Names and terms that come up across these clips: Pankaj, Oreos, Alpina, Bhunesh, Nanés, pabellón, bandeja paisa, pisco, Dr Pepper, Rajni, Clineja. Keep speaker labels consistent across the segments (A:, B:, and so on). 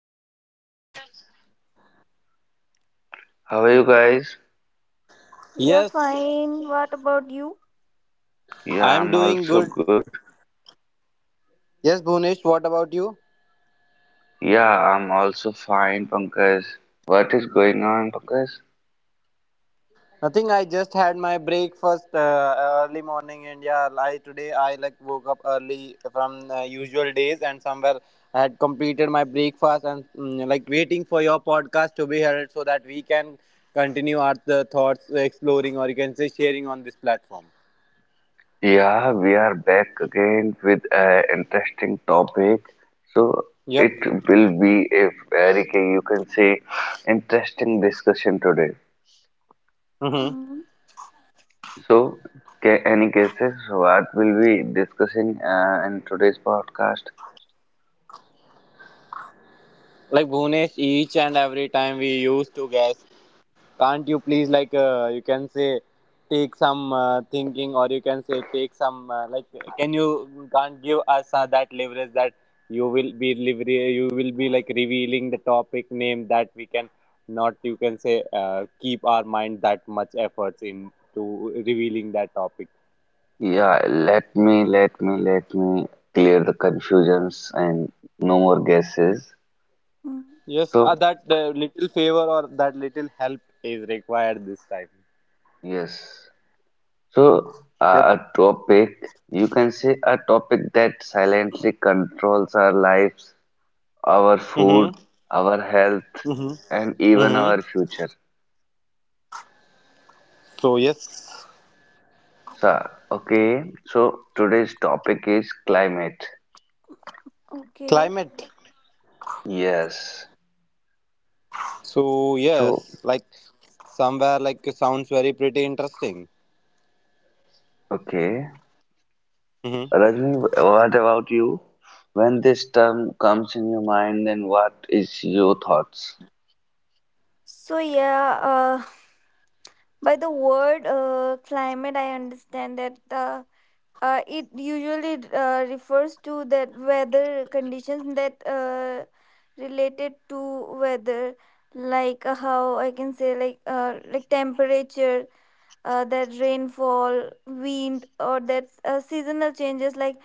A: Hello,
B: Hello,
A: Rajni.
B: Pankaj.
C: How are you guys?
B: We are
A: Yes,
B: fine. What about you?
C: Yeah,
A: I am
C: I'm
A: doing
C: also
A: good.
C: good.
A: Yes, Bhunesh, what about you?
C: Yeah, I'm also fine, Pankaj. What is going on, Pankaj?
A: Nothing. I just had my breakfast early morning, and yeah, I today I like woke up early from usual days, and somewhere I had completed my breakfast and like waiting for your podcast to be heard so that we can continue our the thoughts, exploring, or you can say sharing on this platform.
C: Yeah, we are back again with an interesting topic. So
A: Yep.
C: it will be a very, you can say, interesting discussion today.
A: Mm-hmm.
B: mm
C: So, any guesses what will we discussing in today's podcast?
A: Like Bhunesh, each and every time we used to guess, can't you please like you can say take some thinking, or you can say take some like, can you, can't give us that leverage that you will be lever you will be like revealing the topic name, that we can not you can say keep our mind that much efforts in to revealing that topic.
C: Yeah, let me clear the confusions and no more guesses.
B: mm.
A: Yes,
C: So,
A: that little favor or that little help is required this time.
C: yes. So,
A: Yep.
C: a topic, you can say a topic that silently controls our lives, our food,
A: Mm-hmm.
C: our health,
A: Mm-hmm.
C: and even
A: Mm-hmm.
C: our future.
A: So yes,
C: So, okay. So, today's topic is climate.
B: Okay.
A: climate.
C: Yes.
A: So
C: So,
A: yes, like somewhere like it sounds very pretty interesting.
C: okay.
A: Hmm.
C: Rajni, what about you? When this term comes in your mind, then what is your thoughts?
B: So, yeah, by the word climate, I understand that it usually refers to that weather conditions that related to weather, like how I can say, like temperature, that rainfall, wind, or that seasonal changes like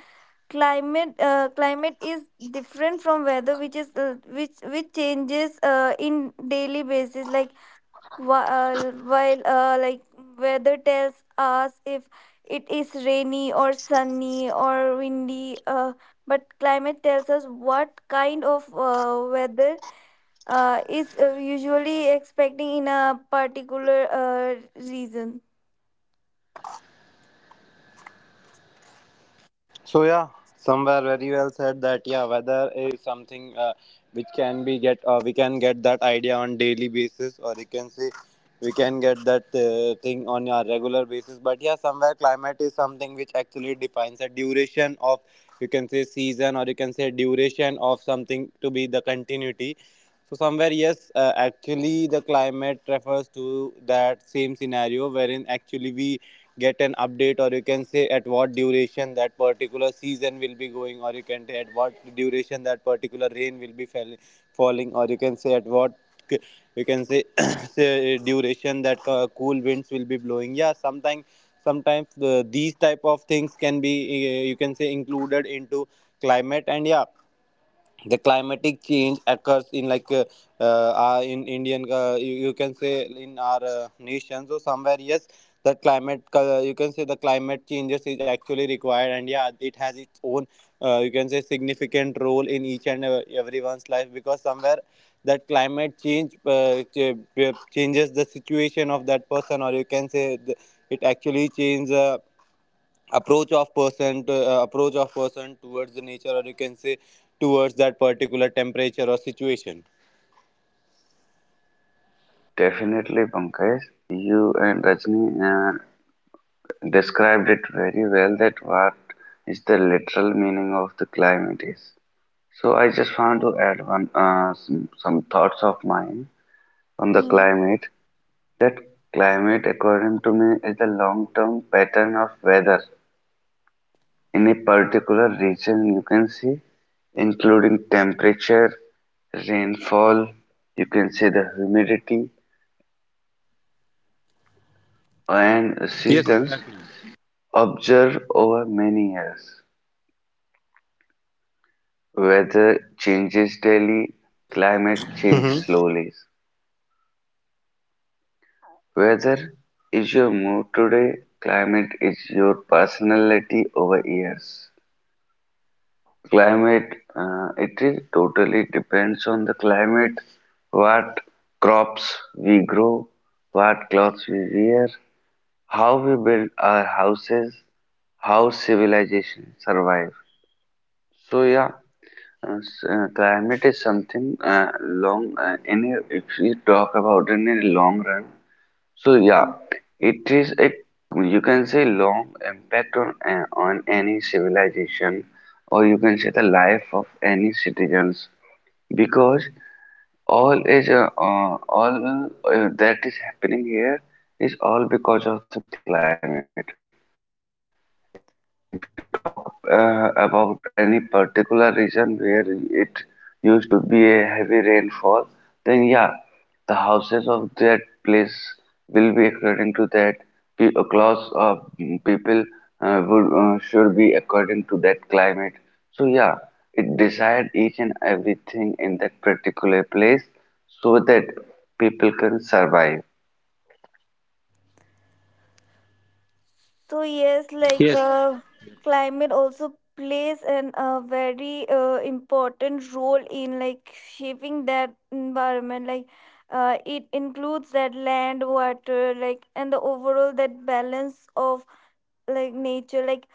B: climate is different from weather which is which changes in daily basis like whi- while like weather tells us if it is rainy or sunny or windy but climate tells us what kind of weather is usually expecting in a particular reason.
A: So yeah, somewhere very well said that yeah, weather is something which can be get we can get that idea on daily basis, or you can say we can get that thing on a regular basis. But yeah, somewhere climate is something which actually defines a duration of, you can say, season, or you can say duration of something to be the continuity. So somewhere, yes, actually the climate refers to that same scenario wherein actually we get an update, or you can say at what duration that particular season will be going, or you can say at what duration that particular rain will be falling, or you can say at what c- you can say, say duration that cool winds will be blowing. Yeah, sometimes these type of things can be, you can say, included into climate. And yeah, the climatic change occurs in like in indian you can say in our nation. So somewhere yes, the climate you can say the climate changes is actually required, and yeah, it has its own you can say significant role in each and everyone's life, because somewhere that climate change changes the situation of that person, or you can say the, it actually changes approach of person to, approach of person towards the nature, or you can say towards that particular temperature or situation.
C: Definitely, Pankaj, you and Rajni described it very well that what is the literal meaning of the climate is. So I just want to add some thoughts of mine on the
B: Hmm.
C: climate. That climate, according to me, is the long-term pattern of weather in a particular region you can see, including temperature, rainfall, you can see the humidity and
A: Yes.
C: seasons, observed over many years. Weather changes daily, climate changes
A: Mm-hmm.
C: slowly.
A: Yep.
C: Weather is your mood today, climate is your personality over years. Climate, it is totally depends on the climate what crops we grow, what clothes we wear, how we build our houses, how civilization survive. So yeah, climate is something, long, if we talk about in a long run. So yeah,
B: Hmm.
C: it is a, you can say, long impact on on any civilization, or you can say the life of any citizens, because all is uh, uh, all that is happening here is all because of the climate. If we talk about any particular region where it used to be a heavy rainfall, then yeah, the houses of that place will be according to that. A class of people would should be according to that climate. So yeah, it decide each and everything in that particular place so that people can survive.
B: So yes, like
A: Yes.
B: climate also plays an a very important role in like shaping that environment. Like it includes that land, water, like and the overall that balance of like nature. Like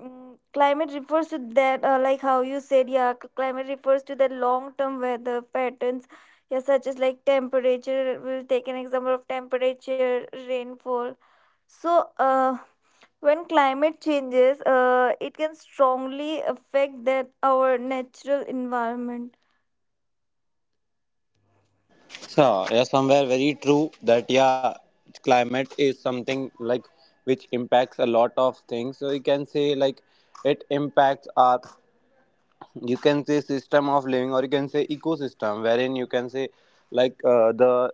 B: climate refers to that, like how you said, yeah, climate refers to the long term weather patterns. Yeah, such as like temperature. We'll take an example of temperature, rainfall. So, when climate changes, it can strongly affect that our natural environment.
A: So yeah, somewhere very true that yeah, climate is something like which impacts a lot of things. So you can say like it impacts our, you can say, system of living, or you can say ecosystem, wherein you can say like the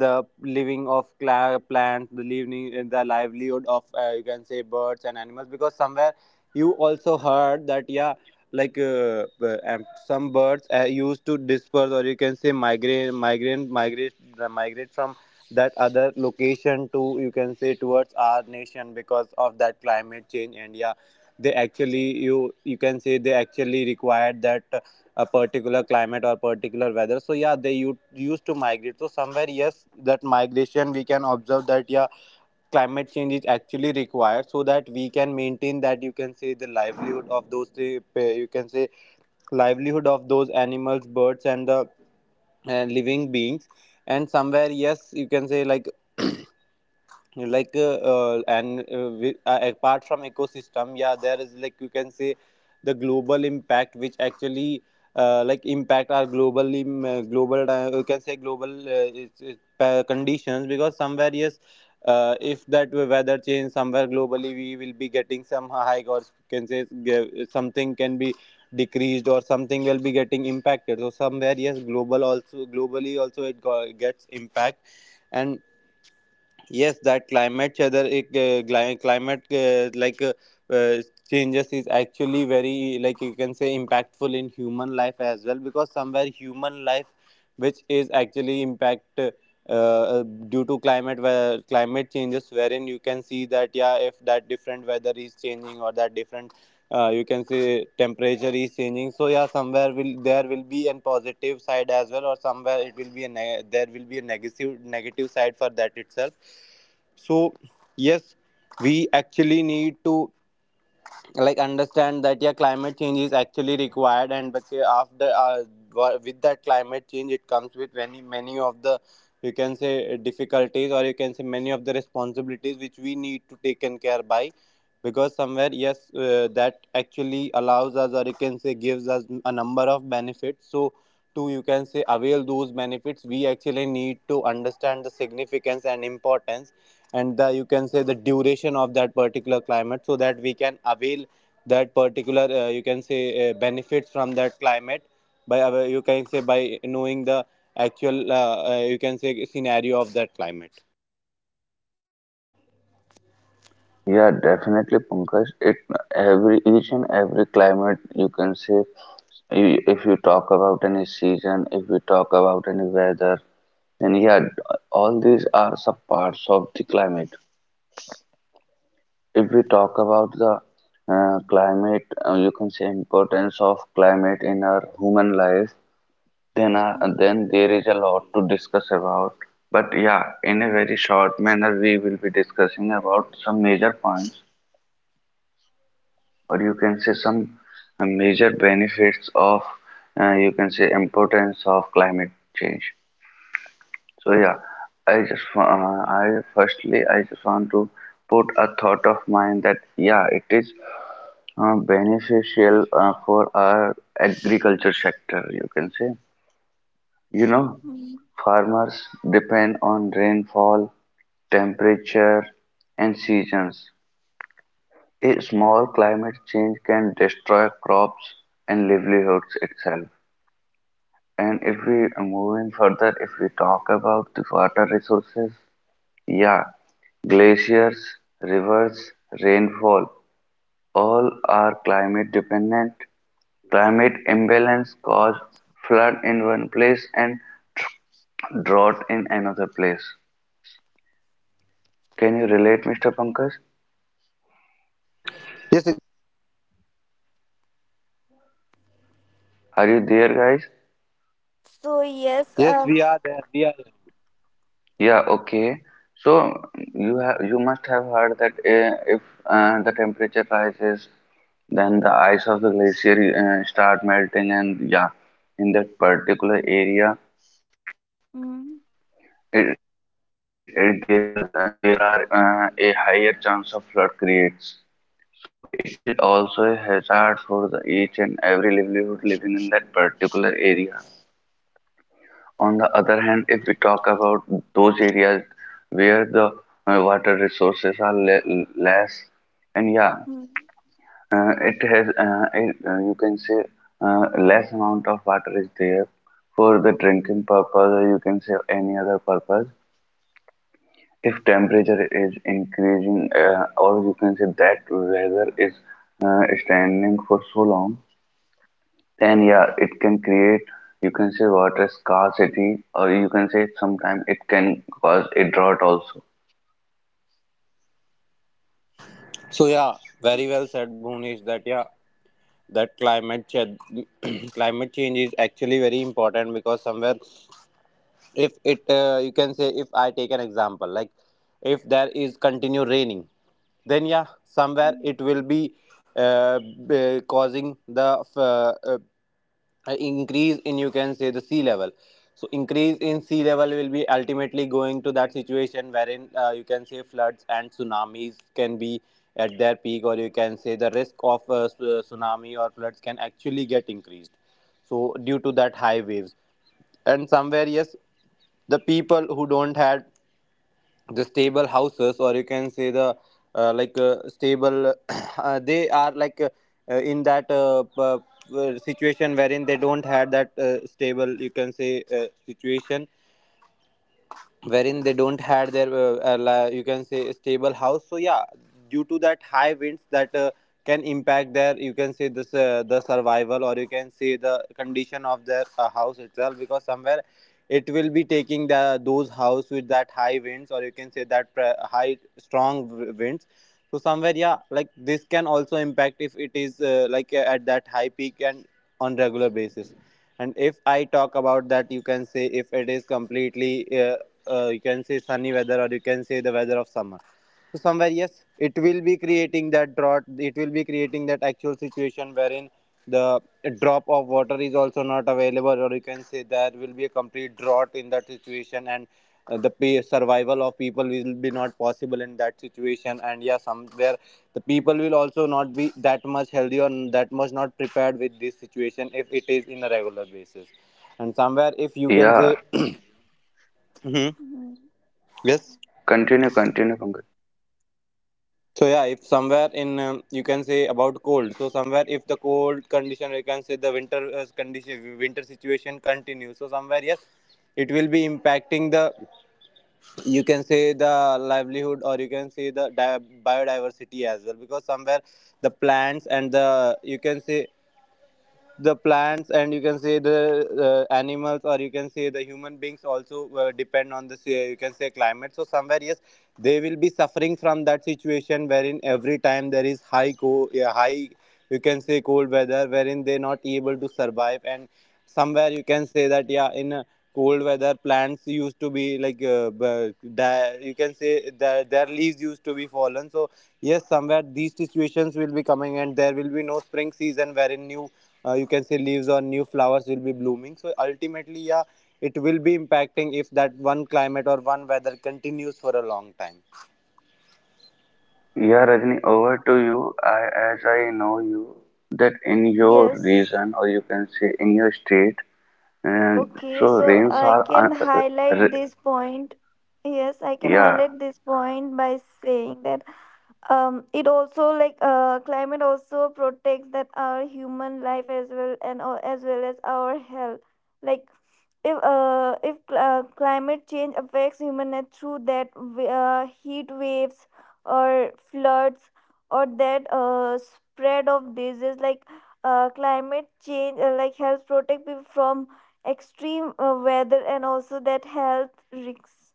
A: the living of plants, the living the livelihood of, you can say, birds and animals. Because somewhere you also heard that yeah, like some birds used to disperse, or you can say migrate from that other location to, you can say, towards our nation, because of that climate change. And yeah, they actually you can say they actually required that a particular climate or particular weather. So yeah, they used to migrate. So somewhere yes, that migration we can observe, that yeah, climate change is actually required so that we can maintain that, you can say, the livelihood of those you can say livelihood of those animals, birds and the living beings. And somewhere yes, you can say like apart from ecosystem, yeah, there is like, you can say, the global impact which actually like impact our globally. Global you can say global it's conditions, because somewhere yes, if that weather change somewhere globally, we will be getting some hike, or you can say something can be decreased, or something will be getting impacted. So somewhere yes, global also, globally also it gets impact. And yes, that climate weather, it, climate uh, changes is actually very, like you can say, impactful in human life as well, because somewhere human life, which is actually impact due to climate, where climate changes, wherein you can see that yeah, if that different weather is changing or that different you can say temperature is changing, so yeah somewhere will there will be a positive side as well, or somewhere it will be a neg, there will be a negative side for that itself. So yes, we actually need to like understand that yeah, climate change is actually required. And but with that climate change, it comes with many, many of the, you can say, difficulties, or you can say many of the responsibilities which we need to take and care by, because somewhere yes, that actually allows us, or you can say gives us a number of benefits. So to, you can say, avail those benefits, we actually need to understand the significance and importance and the, you can say, the duration of that particular climate, so that we can avail that particular you can say benefits from that climate by, you can say, by knowing the actual you can say scenario of that climate.
C: Yeah, definitely, Pankaj. It every each and every climate, you can say. If you talk about any season, if you talk about any weather, then yeah, all these are sub parts of the climate. If we talk about the climate, you can say importance of climate in our human life. Then, uh,
B: Mm,
C: then there is a lot to discuss about. But yeah, in a very short manner, we will be discussing about some major points, or you can say some major benefits of, you can say, importance of climate change. So yeah, I just wa- I firstly I just want to put a thought of mine that yeah, it is beneficial for our agriculture sector, you can say, you know
B: mm.
C: farmers depend on rainfall, temperature, and seasons. A small climate change can destroy crops and livelihoods itself. And if we are moving further, if we talk about the water resources, yeah, glaciers, rivers, rainfall, all are climate dependent. Climate imbalance cause flood in one place and drought in another place. Can you relate, Mr. Pankaj?
A: Yes, exactly.
C: Are you there, guys?
B: So yes,
A: Yes, we are there. We are there.
C: Yeah, okay. So you must have heard that if the temperature rises, then the ice of the glacier start melting, and yeah, in that particular area,
B: mm,
C: it, there are a higher chance of flood creates. So it will also a hazard for the each and every livelihood living in that particular area. On the other hand, if we talk about those areas where the water resources are le less, and yeah,
B: mm,
C: you can say less amount of water is there for the drinking purpose, or you can say any other purpose. If temperature is increasing, or you can say that weather is standing for so long, then yeah, it can create, you can say, water scarcity, or you can say sometimes it can cause a drought also.
A: So yeah, very well said, Bhuvnesh. That yeah, that climate change, climate change is actually very important, because somewhere if it, you can say, if I take an example like, if there is continue raining, then yeah somewhere
B: mm,
A: it will be uh, causing the increase in, you can say, the sea level. So increase in sea level will be ultimately going to that situation wherein, you can say, floods and tsunamis can be at their peak, or you can say the risk of tsunami or floods can actually get increased, so due to that high waves. And somewhere yes, the people who don't had the stable houses, or you can say the stable they are like in that situation wherein they don't had that stable, you can say, uh, situation wherein they don't had their you can say stable house. So yeah, due to that high winds, that can impact their, you can say this the survival, or you can say the condition of their house itself, because somewhere it will be taking the those house with that high winds, or you can say that pre-, high strong winds. So somewhere yeah, like this can also impact if it is at that high peak and on regular basis. And if I talk about that, you can say, if it is completely uh, you can say sunny weather, or you can say the weather of summer, so somewhere, yes, it will be creating that drought. It will be creating that actual situation wherein the drop of water is also not available, or you can say there will be a complete drought in that situation. And the pe-, survival of people will be not possible in that situation. And yeah, somewhere the people will also not be that much healthy or that much not prepared with this situation if it is in a regular basis. And somewhere, if you can
C: Yeah,
A: say, Mhm.
B: mm.
A: Yes.
C: yeah, continue, continue, Pankaj.
A: So yeah, if somewhere in you can say about cold. So somewhere if the cold condition, you can say the winter condition, winter situation continues. So somewhere yes, it will be impacting the you can say the livelihood or you can say biodiversity as well because somewhere the plants and the you can say the plants and you can say the animals or you can say the human beings also depend on this you can say climate. So somewhere yes, they will be suffering from that situation wherein every time there is yeah, high you can say cold weather wherein they not able to survive. And somewhere you can say that yeah, in a cold weather plants used to be like die, you can say their leaves used to be fallen. So yes, somewhere these situations will be coming and there will be no spring season wherein new you can say leaves or new flowers will be blooming. So ultimately yeah, it will be impacting if that one climate or one weather continues for a long time.
C: Yeah, Rajni, over to you. I, as I know you, that in your
B: Yes.
C: region or you can say in your state, and
B: Okay,
C: so
B: so
C: rains
B: I
C: are
B: can highlight
C: r-
B: this point. Yes, I can
C: yeah,
B: highlight this point by saying that it also like climate also protects that our human life as well and as well as our health like if climate change affects human health through that heat waves or floods or that spread of disease like climate change like helps protect people from extreme weather and also that health risks.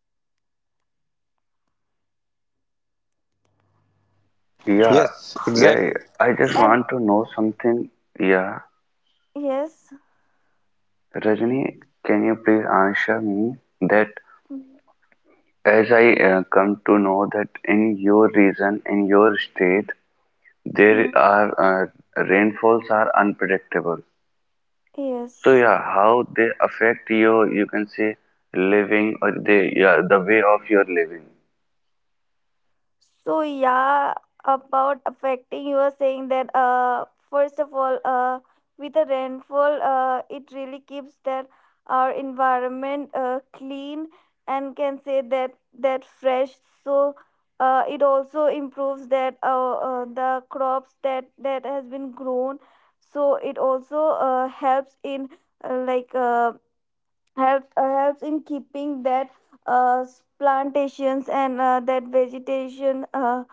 C: yeah,
A: Yes,
C: yeah,
A: exactly.
C: yeah. I just
B: And
C: want to know something, yeah.
B: yes.
C: Rajni, can you please answer me that, as I come to know that in your region, in your state, there
B: Mhm.
C: are rainfalls are unpredictable. So
B: Yes.
C: yeah, how they affect your, you can say, living or the way of your living.
B: So yeah, about affecting, you were saying that first of all, with the rainfall, it really keeps that our environment clean and can say that that fresh. So it also improves that the crops that that has been grown. So it also helps in uh, like uh, helps in keeping that uh, plantations and that vegetation. Uh,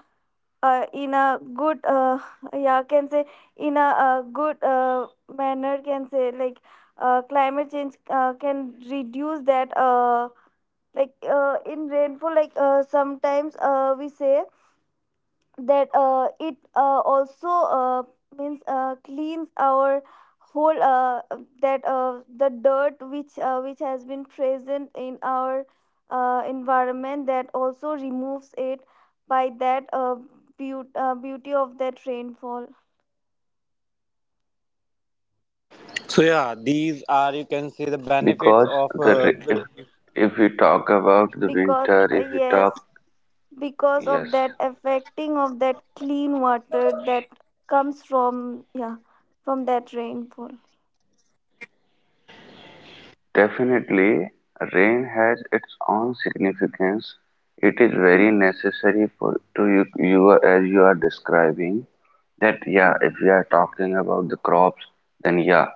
B: uh, In a good yeah can say in a, good manner can say like climate change can reduce that in rainfall like sometimes we say that it also means cleans our whole that the dirt which has been present in our environment that also removes it by that beauty of that rainfall,
A: So yeah, these are you
C: Definitely,
A: can say the benefits
C: because
A: of
C: the ra- if we talk about the
B: because
C: winter, if we
B: yes,
C: talk,
B: because of
C: yes.
B: that affecting of that clean water that comes from, yeah, from that rainfall.
C: Definitely, rain has its own significance. It is very
B: Hmm.
C: necessary for to you, as you are describing that yeah, if
B: Hmm.
C: we are talking about the crops, then yeah,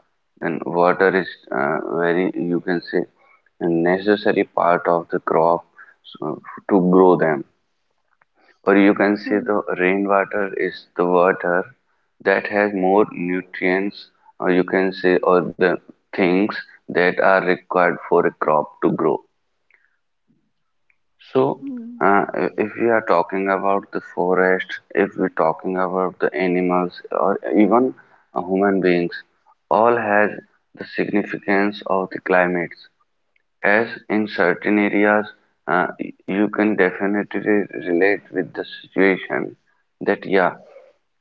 C: then water is, very, you can say, a necessary part of the crop, so, to grow them, or you can say
B: Hmm.
C: the rainwater is the water that has more nutrients, or you can say or the things that are required for a crop to grow. So
B: Hmm.
C: uh, if we are talking about the forest, if we're talking about the animals, or even human beings, all has the significance of the climates, as in certain areas uh, you can definitely relate with the situation that yeah,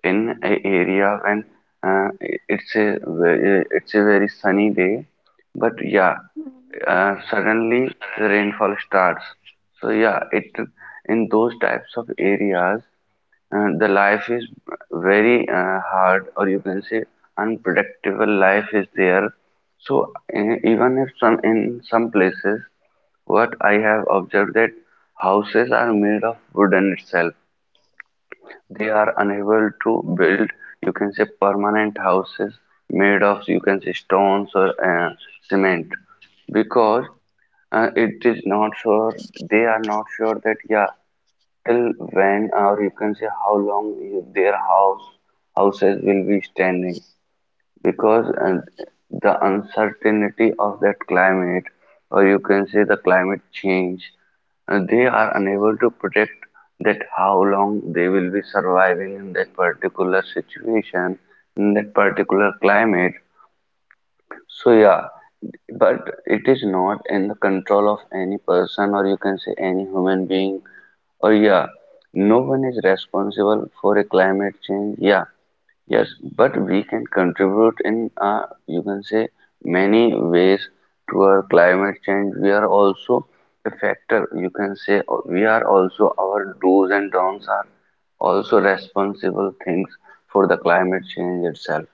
C: in an area when uh, it's a very sunny day, but yeah,
B: Hmm.
C: suddenly the rainfall starts. So yeah, it in those types of areas, the life is very hard, or you can say unpredictable life is there. So even if some in some places, what I have observed, that houses are made of wooden itself, they are unable to build, you can say, permanent houses made of, you can say, stones or cement, because it is not sure, they are not sure that, yeah, till when, or you can say, how long their houses will be standing, because and the uncertainty of that climate, or you can say the climate change, they are unable to predict that how long they will be surviving in that particular situation, in that particular climate. So yeah, but it is not in the control of any person, or you can say any human being, or yeah, no one is responsible for a climate change, yeah. Yes, but we can contribute in, you can say, many ways to our climate change. We are also a factor. You can say, we are also our do's and don'ts are also responsible things for the climate change itself.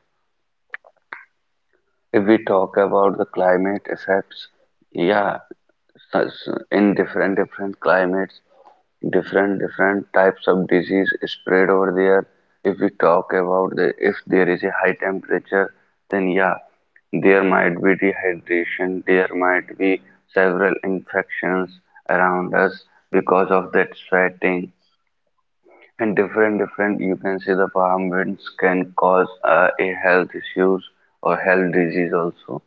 C: If we talk about the climate effects, yeah, such in different different climates, different different types of disease spread over there. If we talk about the if there is a high temperature, then yeah, there might be dehydration, there might be several infections around us because of that sweating. And different different, you can see, the farm winds can cause a health issues or health disease also,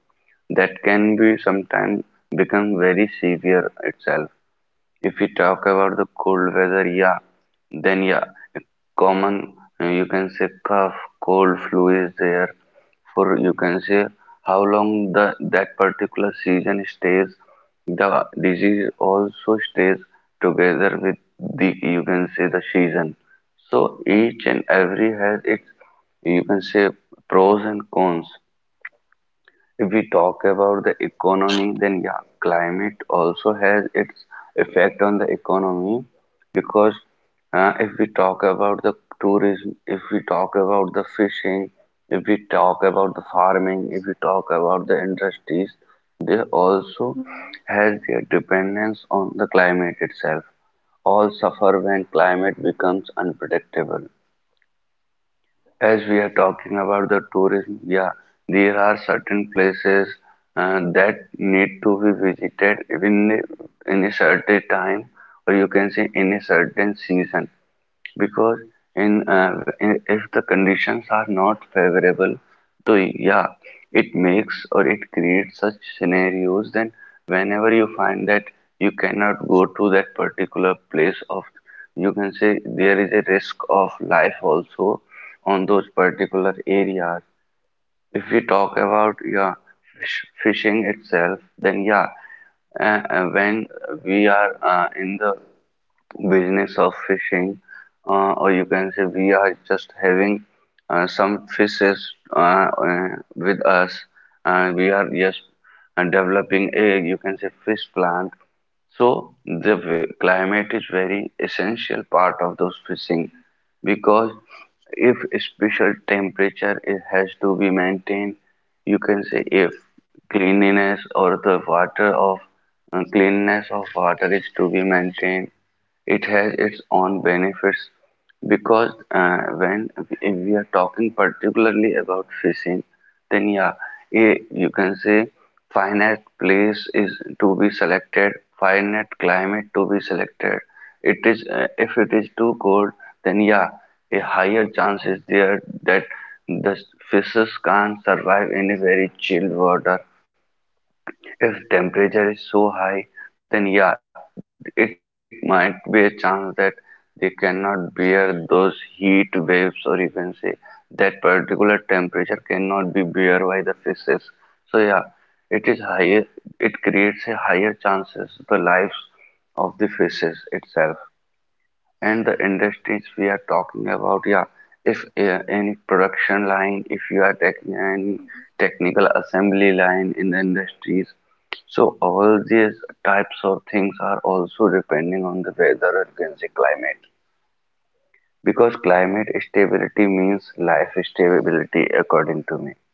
C: that can be sometimes become very severe itself. If we talk about the cold weather, yeah, then yeah, common, you can say, cough, cold, flu is there for, you can say, how long the that particular season stays. The disease also stays together with the, you can say, the season. So each and every has its, you can say, pros and cons. If we talk about the economy, then yeah, climate also has its effect on the economy, because if we talk about the tourism, if we talk about the fishing, if we talk about the farming, if we talk about the industries, they also
B: Mm.
C: has their dependence on the climate itself. All suffer when climate becomes unpredictable. As we are talking about the tourism, yeah, there are certain places that need to be visited even in a certain time, or you can say in a certain season, because in if the conditions are not favorable, so yeah, it makes, or it creates such scenarios. Then whenever you find that you cannot go to that particular place of, you can say, there is a risk of life also on those particular areas. If we talk about, yeah, fishing itself, then yeah, when we are in the business of fishing, or you can say we are just having some fishes uh, uh, with us, and we are just developing a, you can say, fish plant. So the climate is very essential part of those fishing, because if special temperature it has to be maintained, you can say, if cleanliness, or the water of cleanness of water is to be maintained, it has its own benefits, because when if we are talking particularly about fishing, then yeah, a, you can say, finite place is to be selected, finite climate to be selected. It is, if it is too cold, then yeah, a higher chance is there that the fishes can't survive in a very chilled water. If temperature is so high, then yeah, it might be a chance that they cannot bear those heat waves, or you can say that particular temperature cannot be bear by the fishes. So yeah, it is higher. It creates a higher chances the lives of the fishes itself. And the industries we are talking about, yeah, if any production line, if you are taking any technical assembly line in the industries, so all these types of things are also depending on the weather, or you can say climate, because climate stability means life stability, according to me.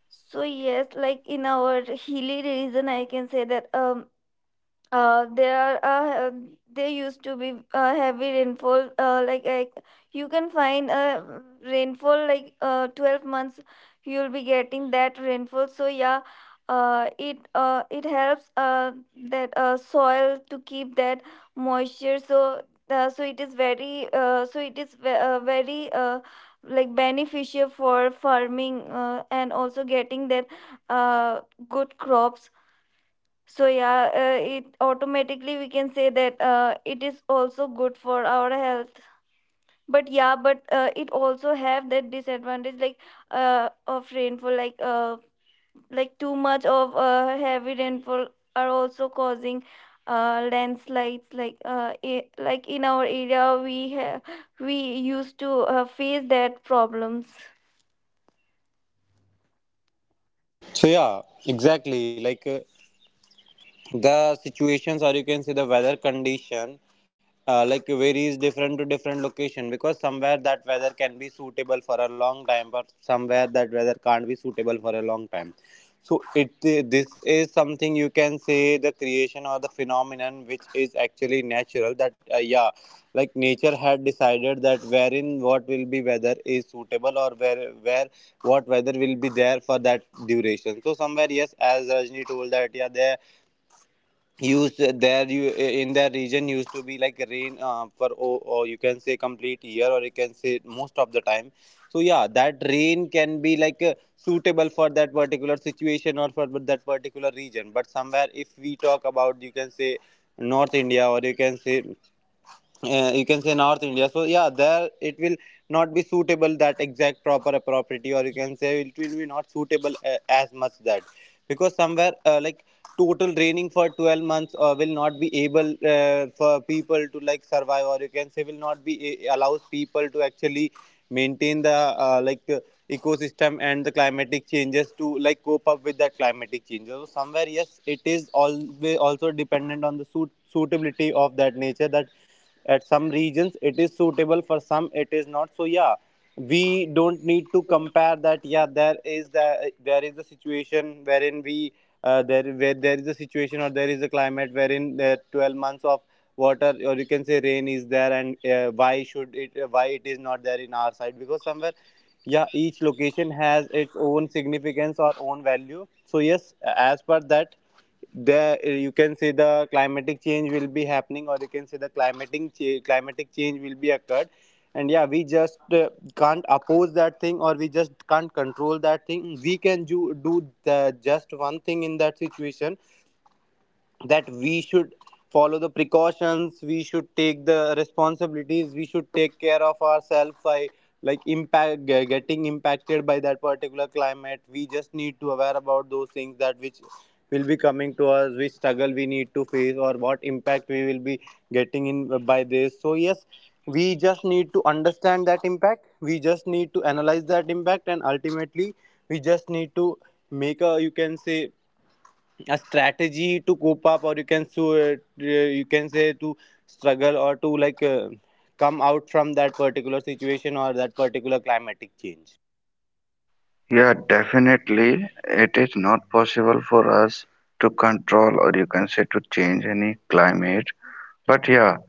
B: So yes, like in our hilly region, I can say that there are there used to be heavy rainfall like you can find a rainfall like 12 months you'll be getting that rainfall. So yeah, it helps that soil to keep that moisture. So it is very like beneficial for farming and also getting that uh, good crops. So yeah, it automatically we can say that it is also good for our health. But yeah, but it also have that disadvantage like of rainfall, like too much of heavy rainfall are also causing landslides. Like I like in our area, we used to face that problems.
A: so yeah exactly like the situations or you can say the weather condition like varies different to different location because somewhere that weather can be suitable for a long time but somewhere that weather can't be suitable for a long time. So it this is something you can say the creation or the phenomenon which is actually natural that yeah, like nature had decided that wherein what will be weather is suitable or where what weather will be there for that duration. So somewhere yes, as Rajni told that yeah, there used there you in that region used to be like rain for or you can say complete year or you can say most of the time. So yeah, that rain can be like suitable for that particular situation or for that particular region. But somewhere if we talk about you can say North India or you can say North India, so yeah, there it will not be suitable that exact proper property or you can say it will be not suitable as much that, because somewhere like total draining for 12 months will not be able for people to like survive, or you can say will not be allows people to actually maintain the ecosystem and the climatic changes to like cope up with that climatic changes. So somewhere yes, it is always also dependent on the suitability of that nature that at some regions it is suitable, for some it is not. So yeah, we don't need to compare that yeah, there is a situation wherein we there where there is a situation or there is a climate wherein there 12 months of water, or you can say rain, is there. And why it is not there in our side? Because somewhere yeah, each location has its own significance or own value. So yes, as per that, the you can say the climatic change will be happening, or you can say the climatic change will be occurred. And yeah, we just can't oppose that thing, or we just can't control that thing. We can do just one thing in that situation, that we should follow the precautions, we should take the responsibilities, we should take care of ourselves by like getting impacted by that particular climate. We just need to aware about those things, that which will be coming to us, which struggle we need to face or what impact we will be getting in by this. So yes, we just need to understand that impact, we just need to analyze that impact, and ultimately we just need to make a you can say a strategy to cope up, or you can you can say to struggle or to like come out from that particular situation or that particular climatic change.
C: Yeah, definitely, it is not possible for us to control, or you can say to change any climate. But yeah,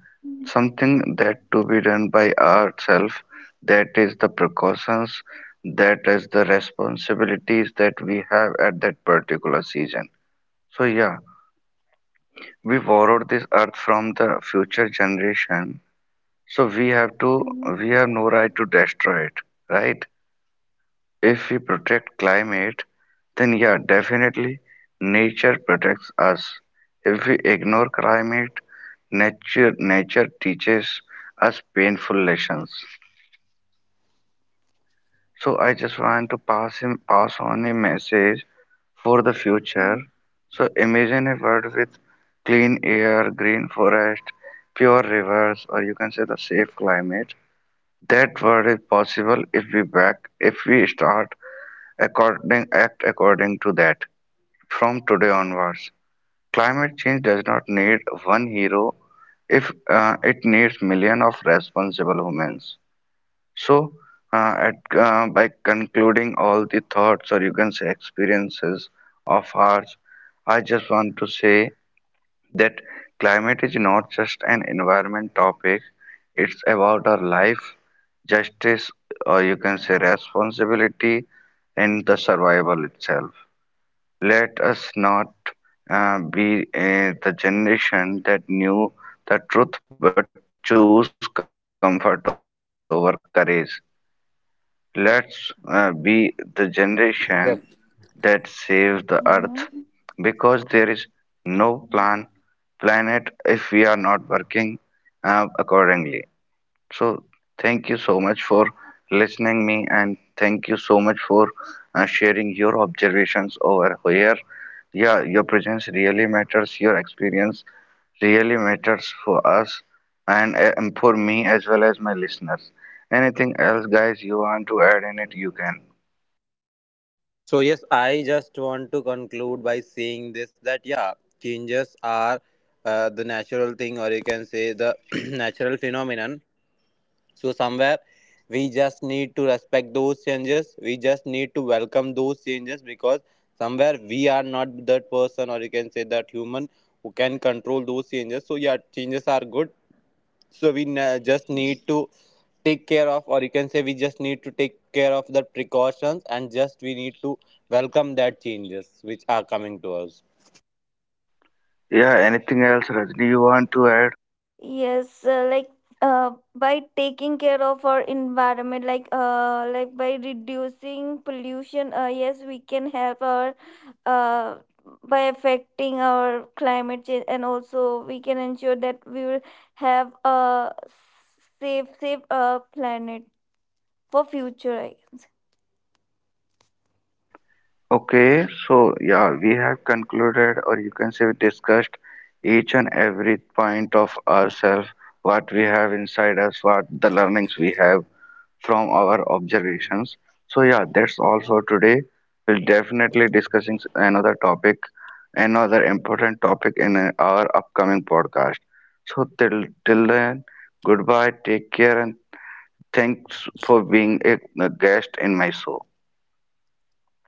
C: something that to be done by ourselves, that is the precautions, that is the responsibilities that we have at that particular season. So yeah, we borrowed this earth from the future generation. So
B: Mhm.
C: we have no right to destroy it, right? If we protect climate, then yeah, definitely nature protects us. If we ignore climate, nature teaches us painful lessons. So I just want to pass on a message for the future. So imagine a world with clean air, green forest, pure rivers, or you can say the safe climate. That world is possible if we back if we start, according to that. From today onwards, climate change does not need one hero, if it needs million of responsible humans. So, by concluding all the thoughts, or you can say experiences of ours, I just want to say that climate is not just an environment topic, it's about our life, justice, or you can say responsibility, and the survival itself. Let us not be the generation that knew the truth but choose comfort over courage. Let's be
A: so yeah
C: the
A: i yeah.
C: generation that saves the earth,
B: Mm.
C: because there is no planet if we are not working accordingly. So thank you so much for listening me, and thank you so much for sharing your observations over here. Yeah, your presence really matters. Your experience really matters for us and for me, as well as my listeners. Anything else, guys, you want to add in it, you can.
A: So yes, I just want to conclude by saying this that yeah, changes are the natural thing, or you can say the natural phenomenon. So somewhere we just need to respect those changes. We just need to welcome those changes because somewhere we are not that person, or you can say that human, who can control those changes. So yeah, changes are good. So we just need to take care of, or you can say we just need to take care of the precautions, and just we need to welcome that changes which are coming to us.
C: Yeah, anything else, Rajni, you want to add?
B: Yes, like by taking care of our environment, like by reducing pollution, yes, we can help our uh, by affecting our climate change, and also we can ensure that we will have a safe, safe planet for future, I guess.
C: Okay, so yeah, we have concluded, or you can say we discussed each and every point of ourselves, what we have inside us, what the learnings we have from our observations. So yeah, that's all for today. We'll definitely discussing another topic, another important topic in our upcoming podcast. So till then, goodbye, take care, and thanks for being a guest in my show.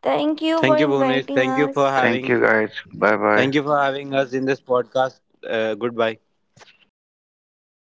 B: Thank you for
A: Thank you, Bhunesh.
B: inviting
A: Thank you for
B: us.
C: Thank you
A: having.
C: guys. Bye bye.
A: Thank you for having us in this podcast. Goodbye.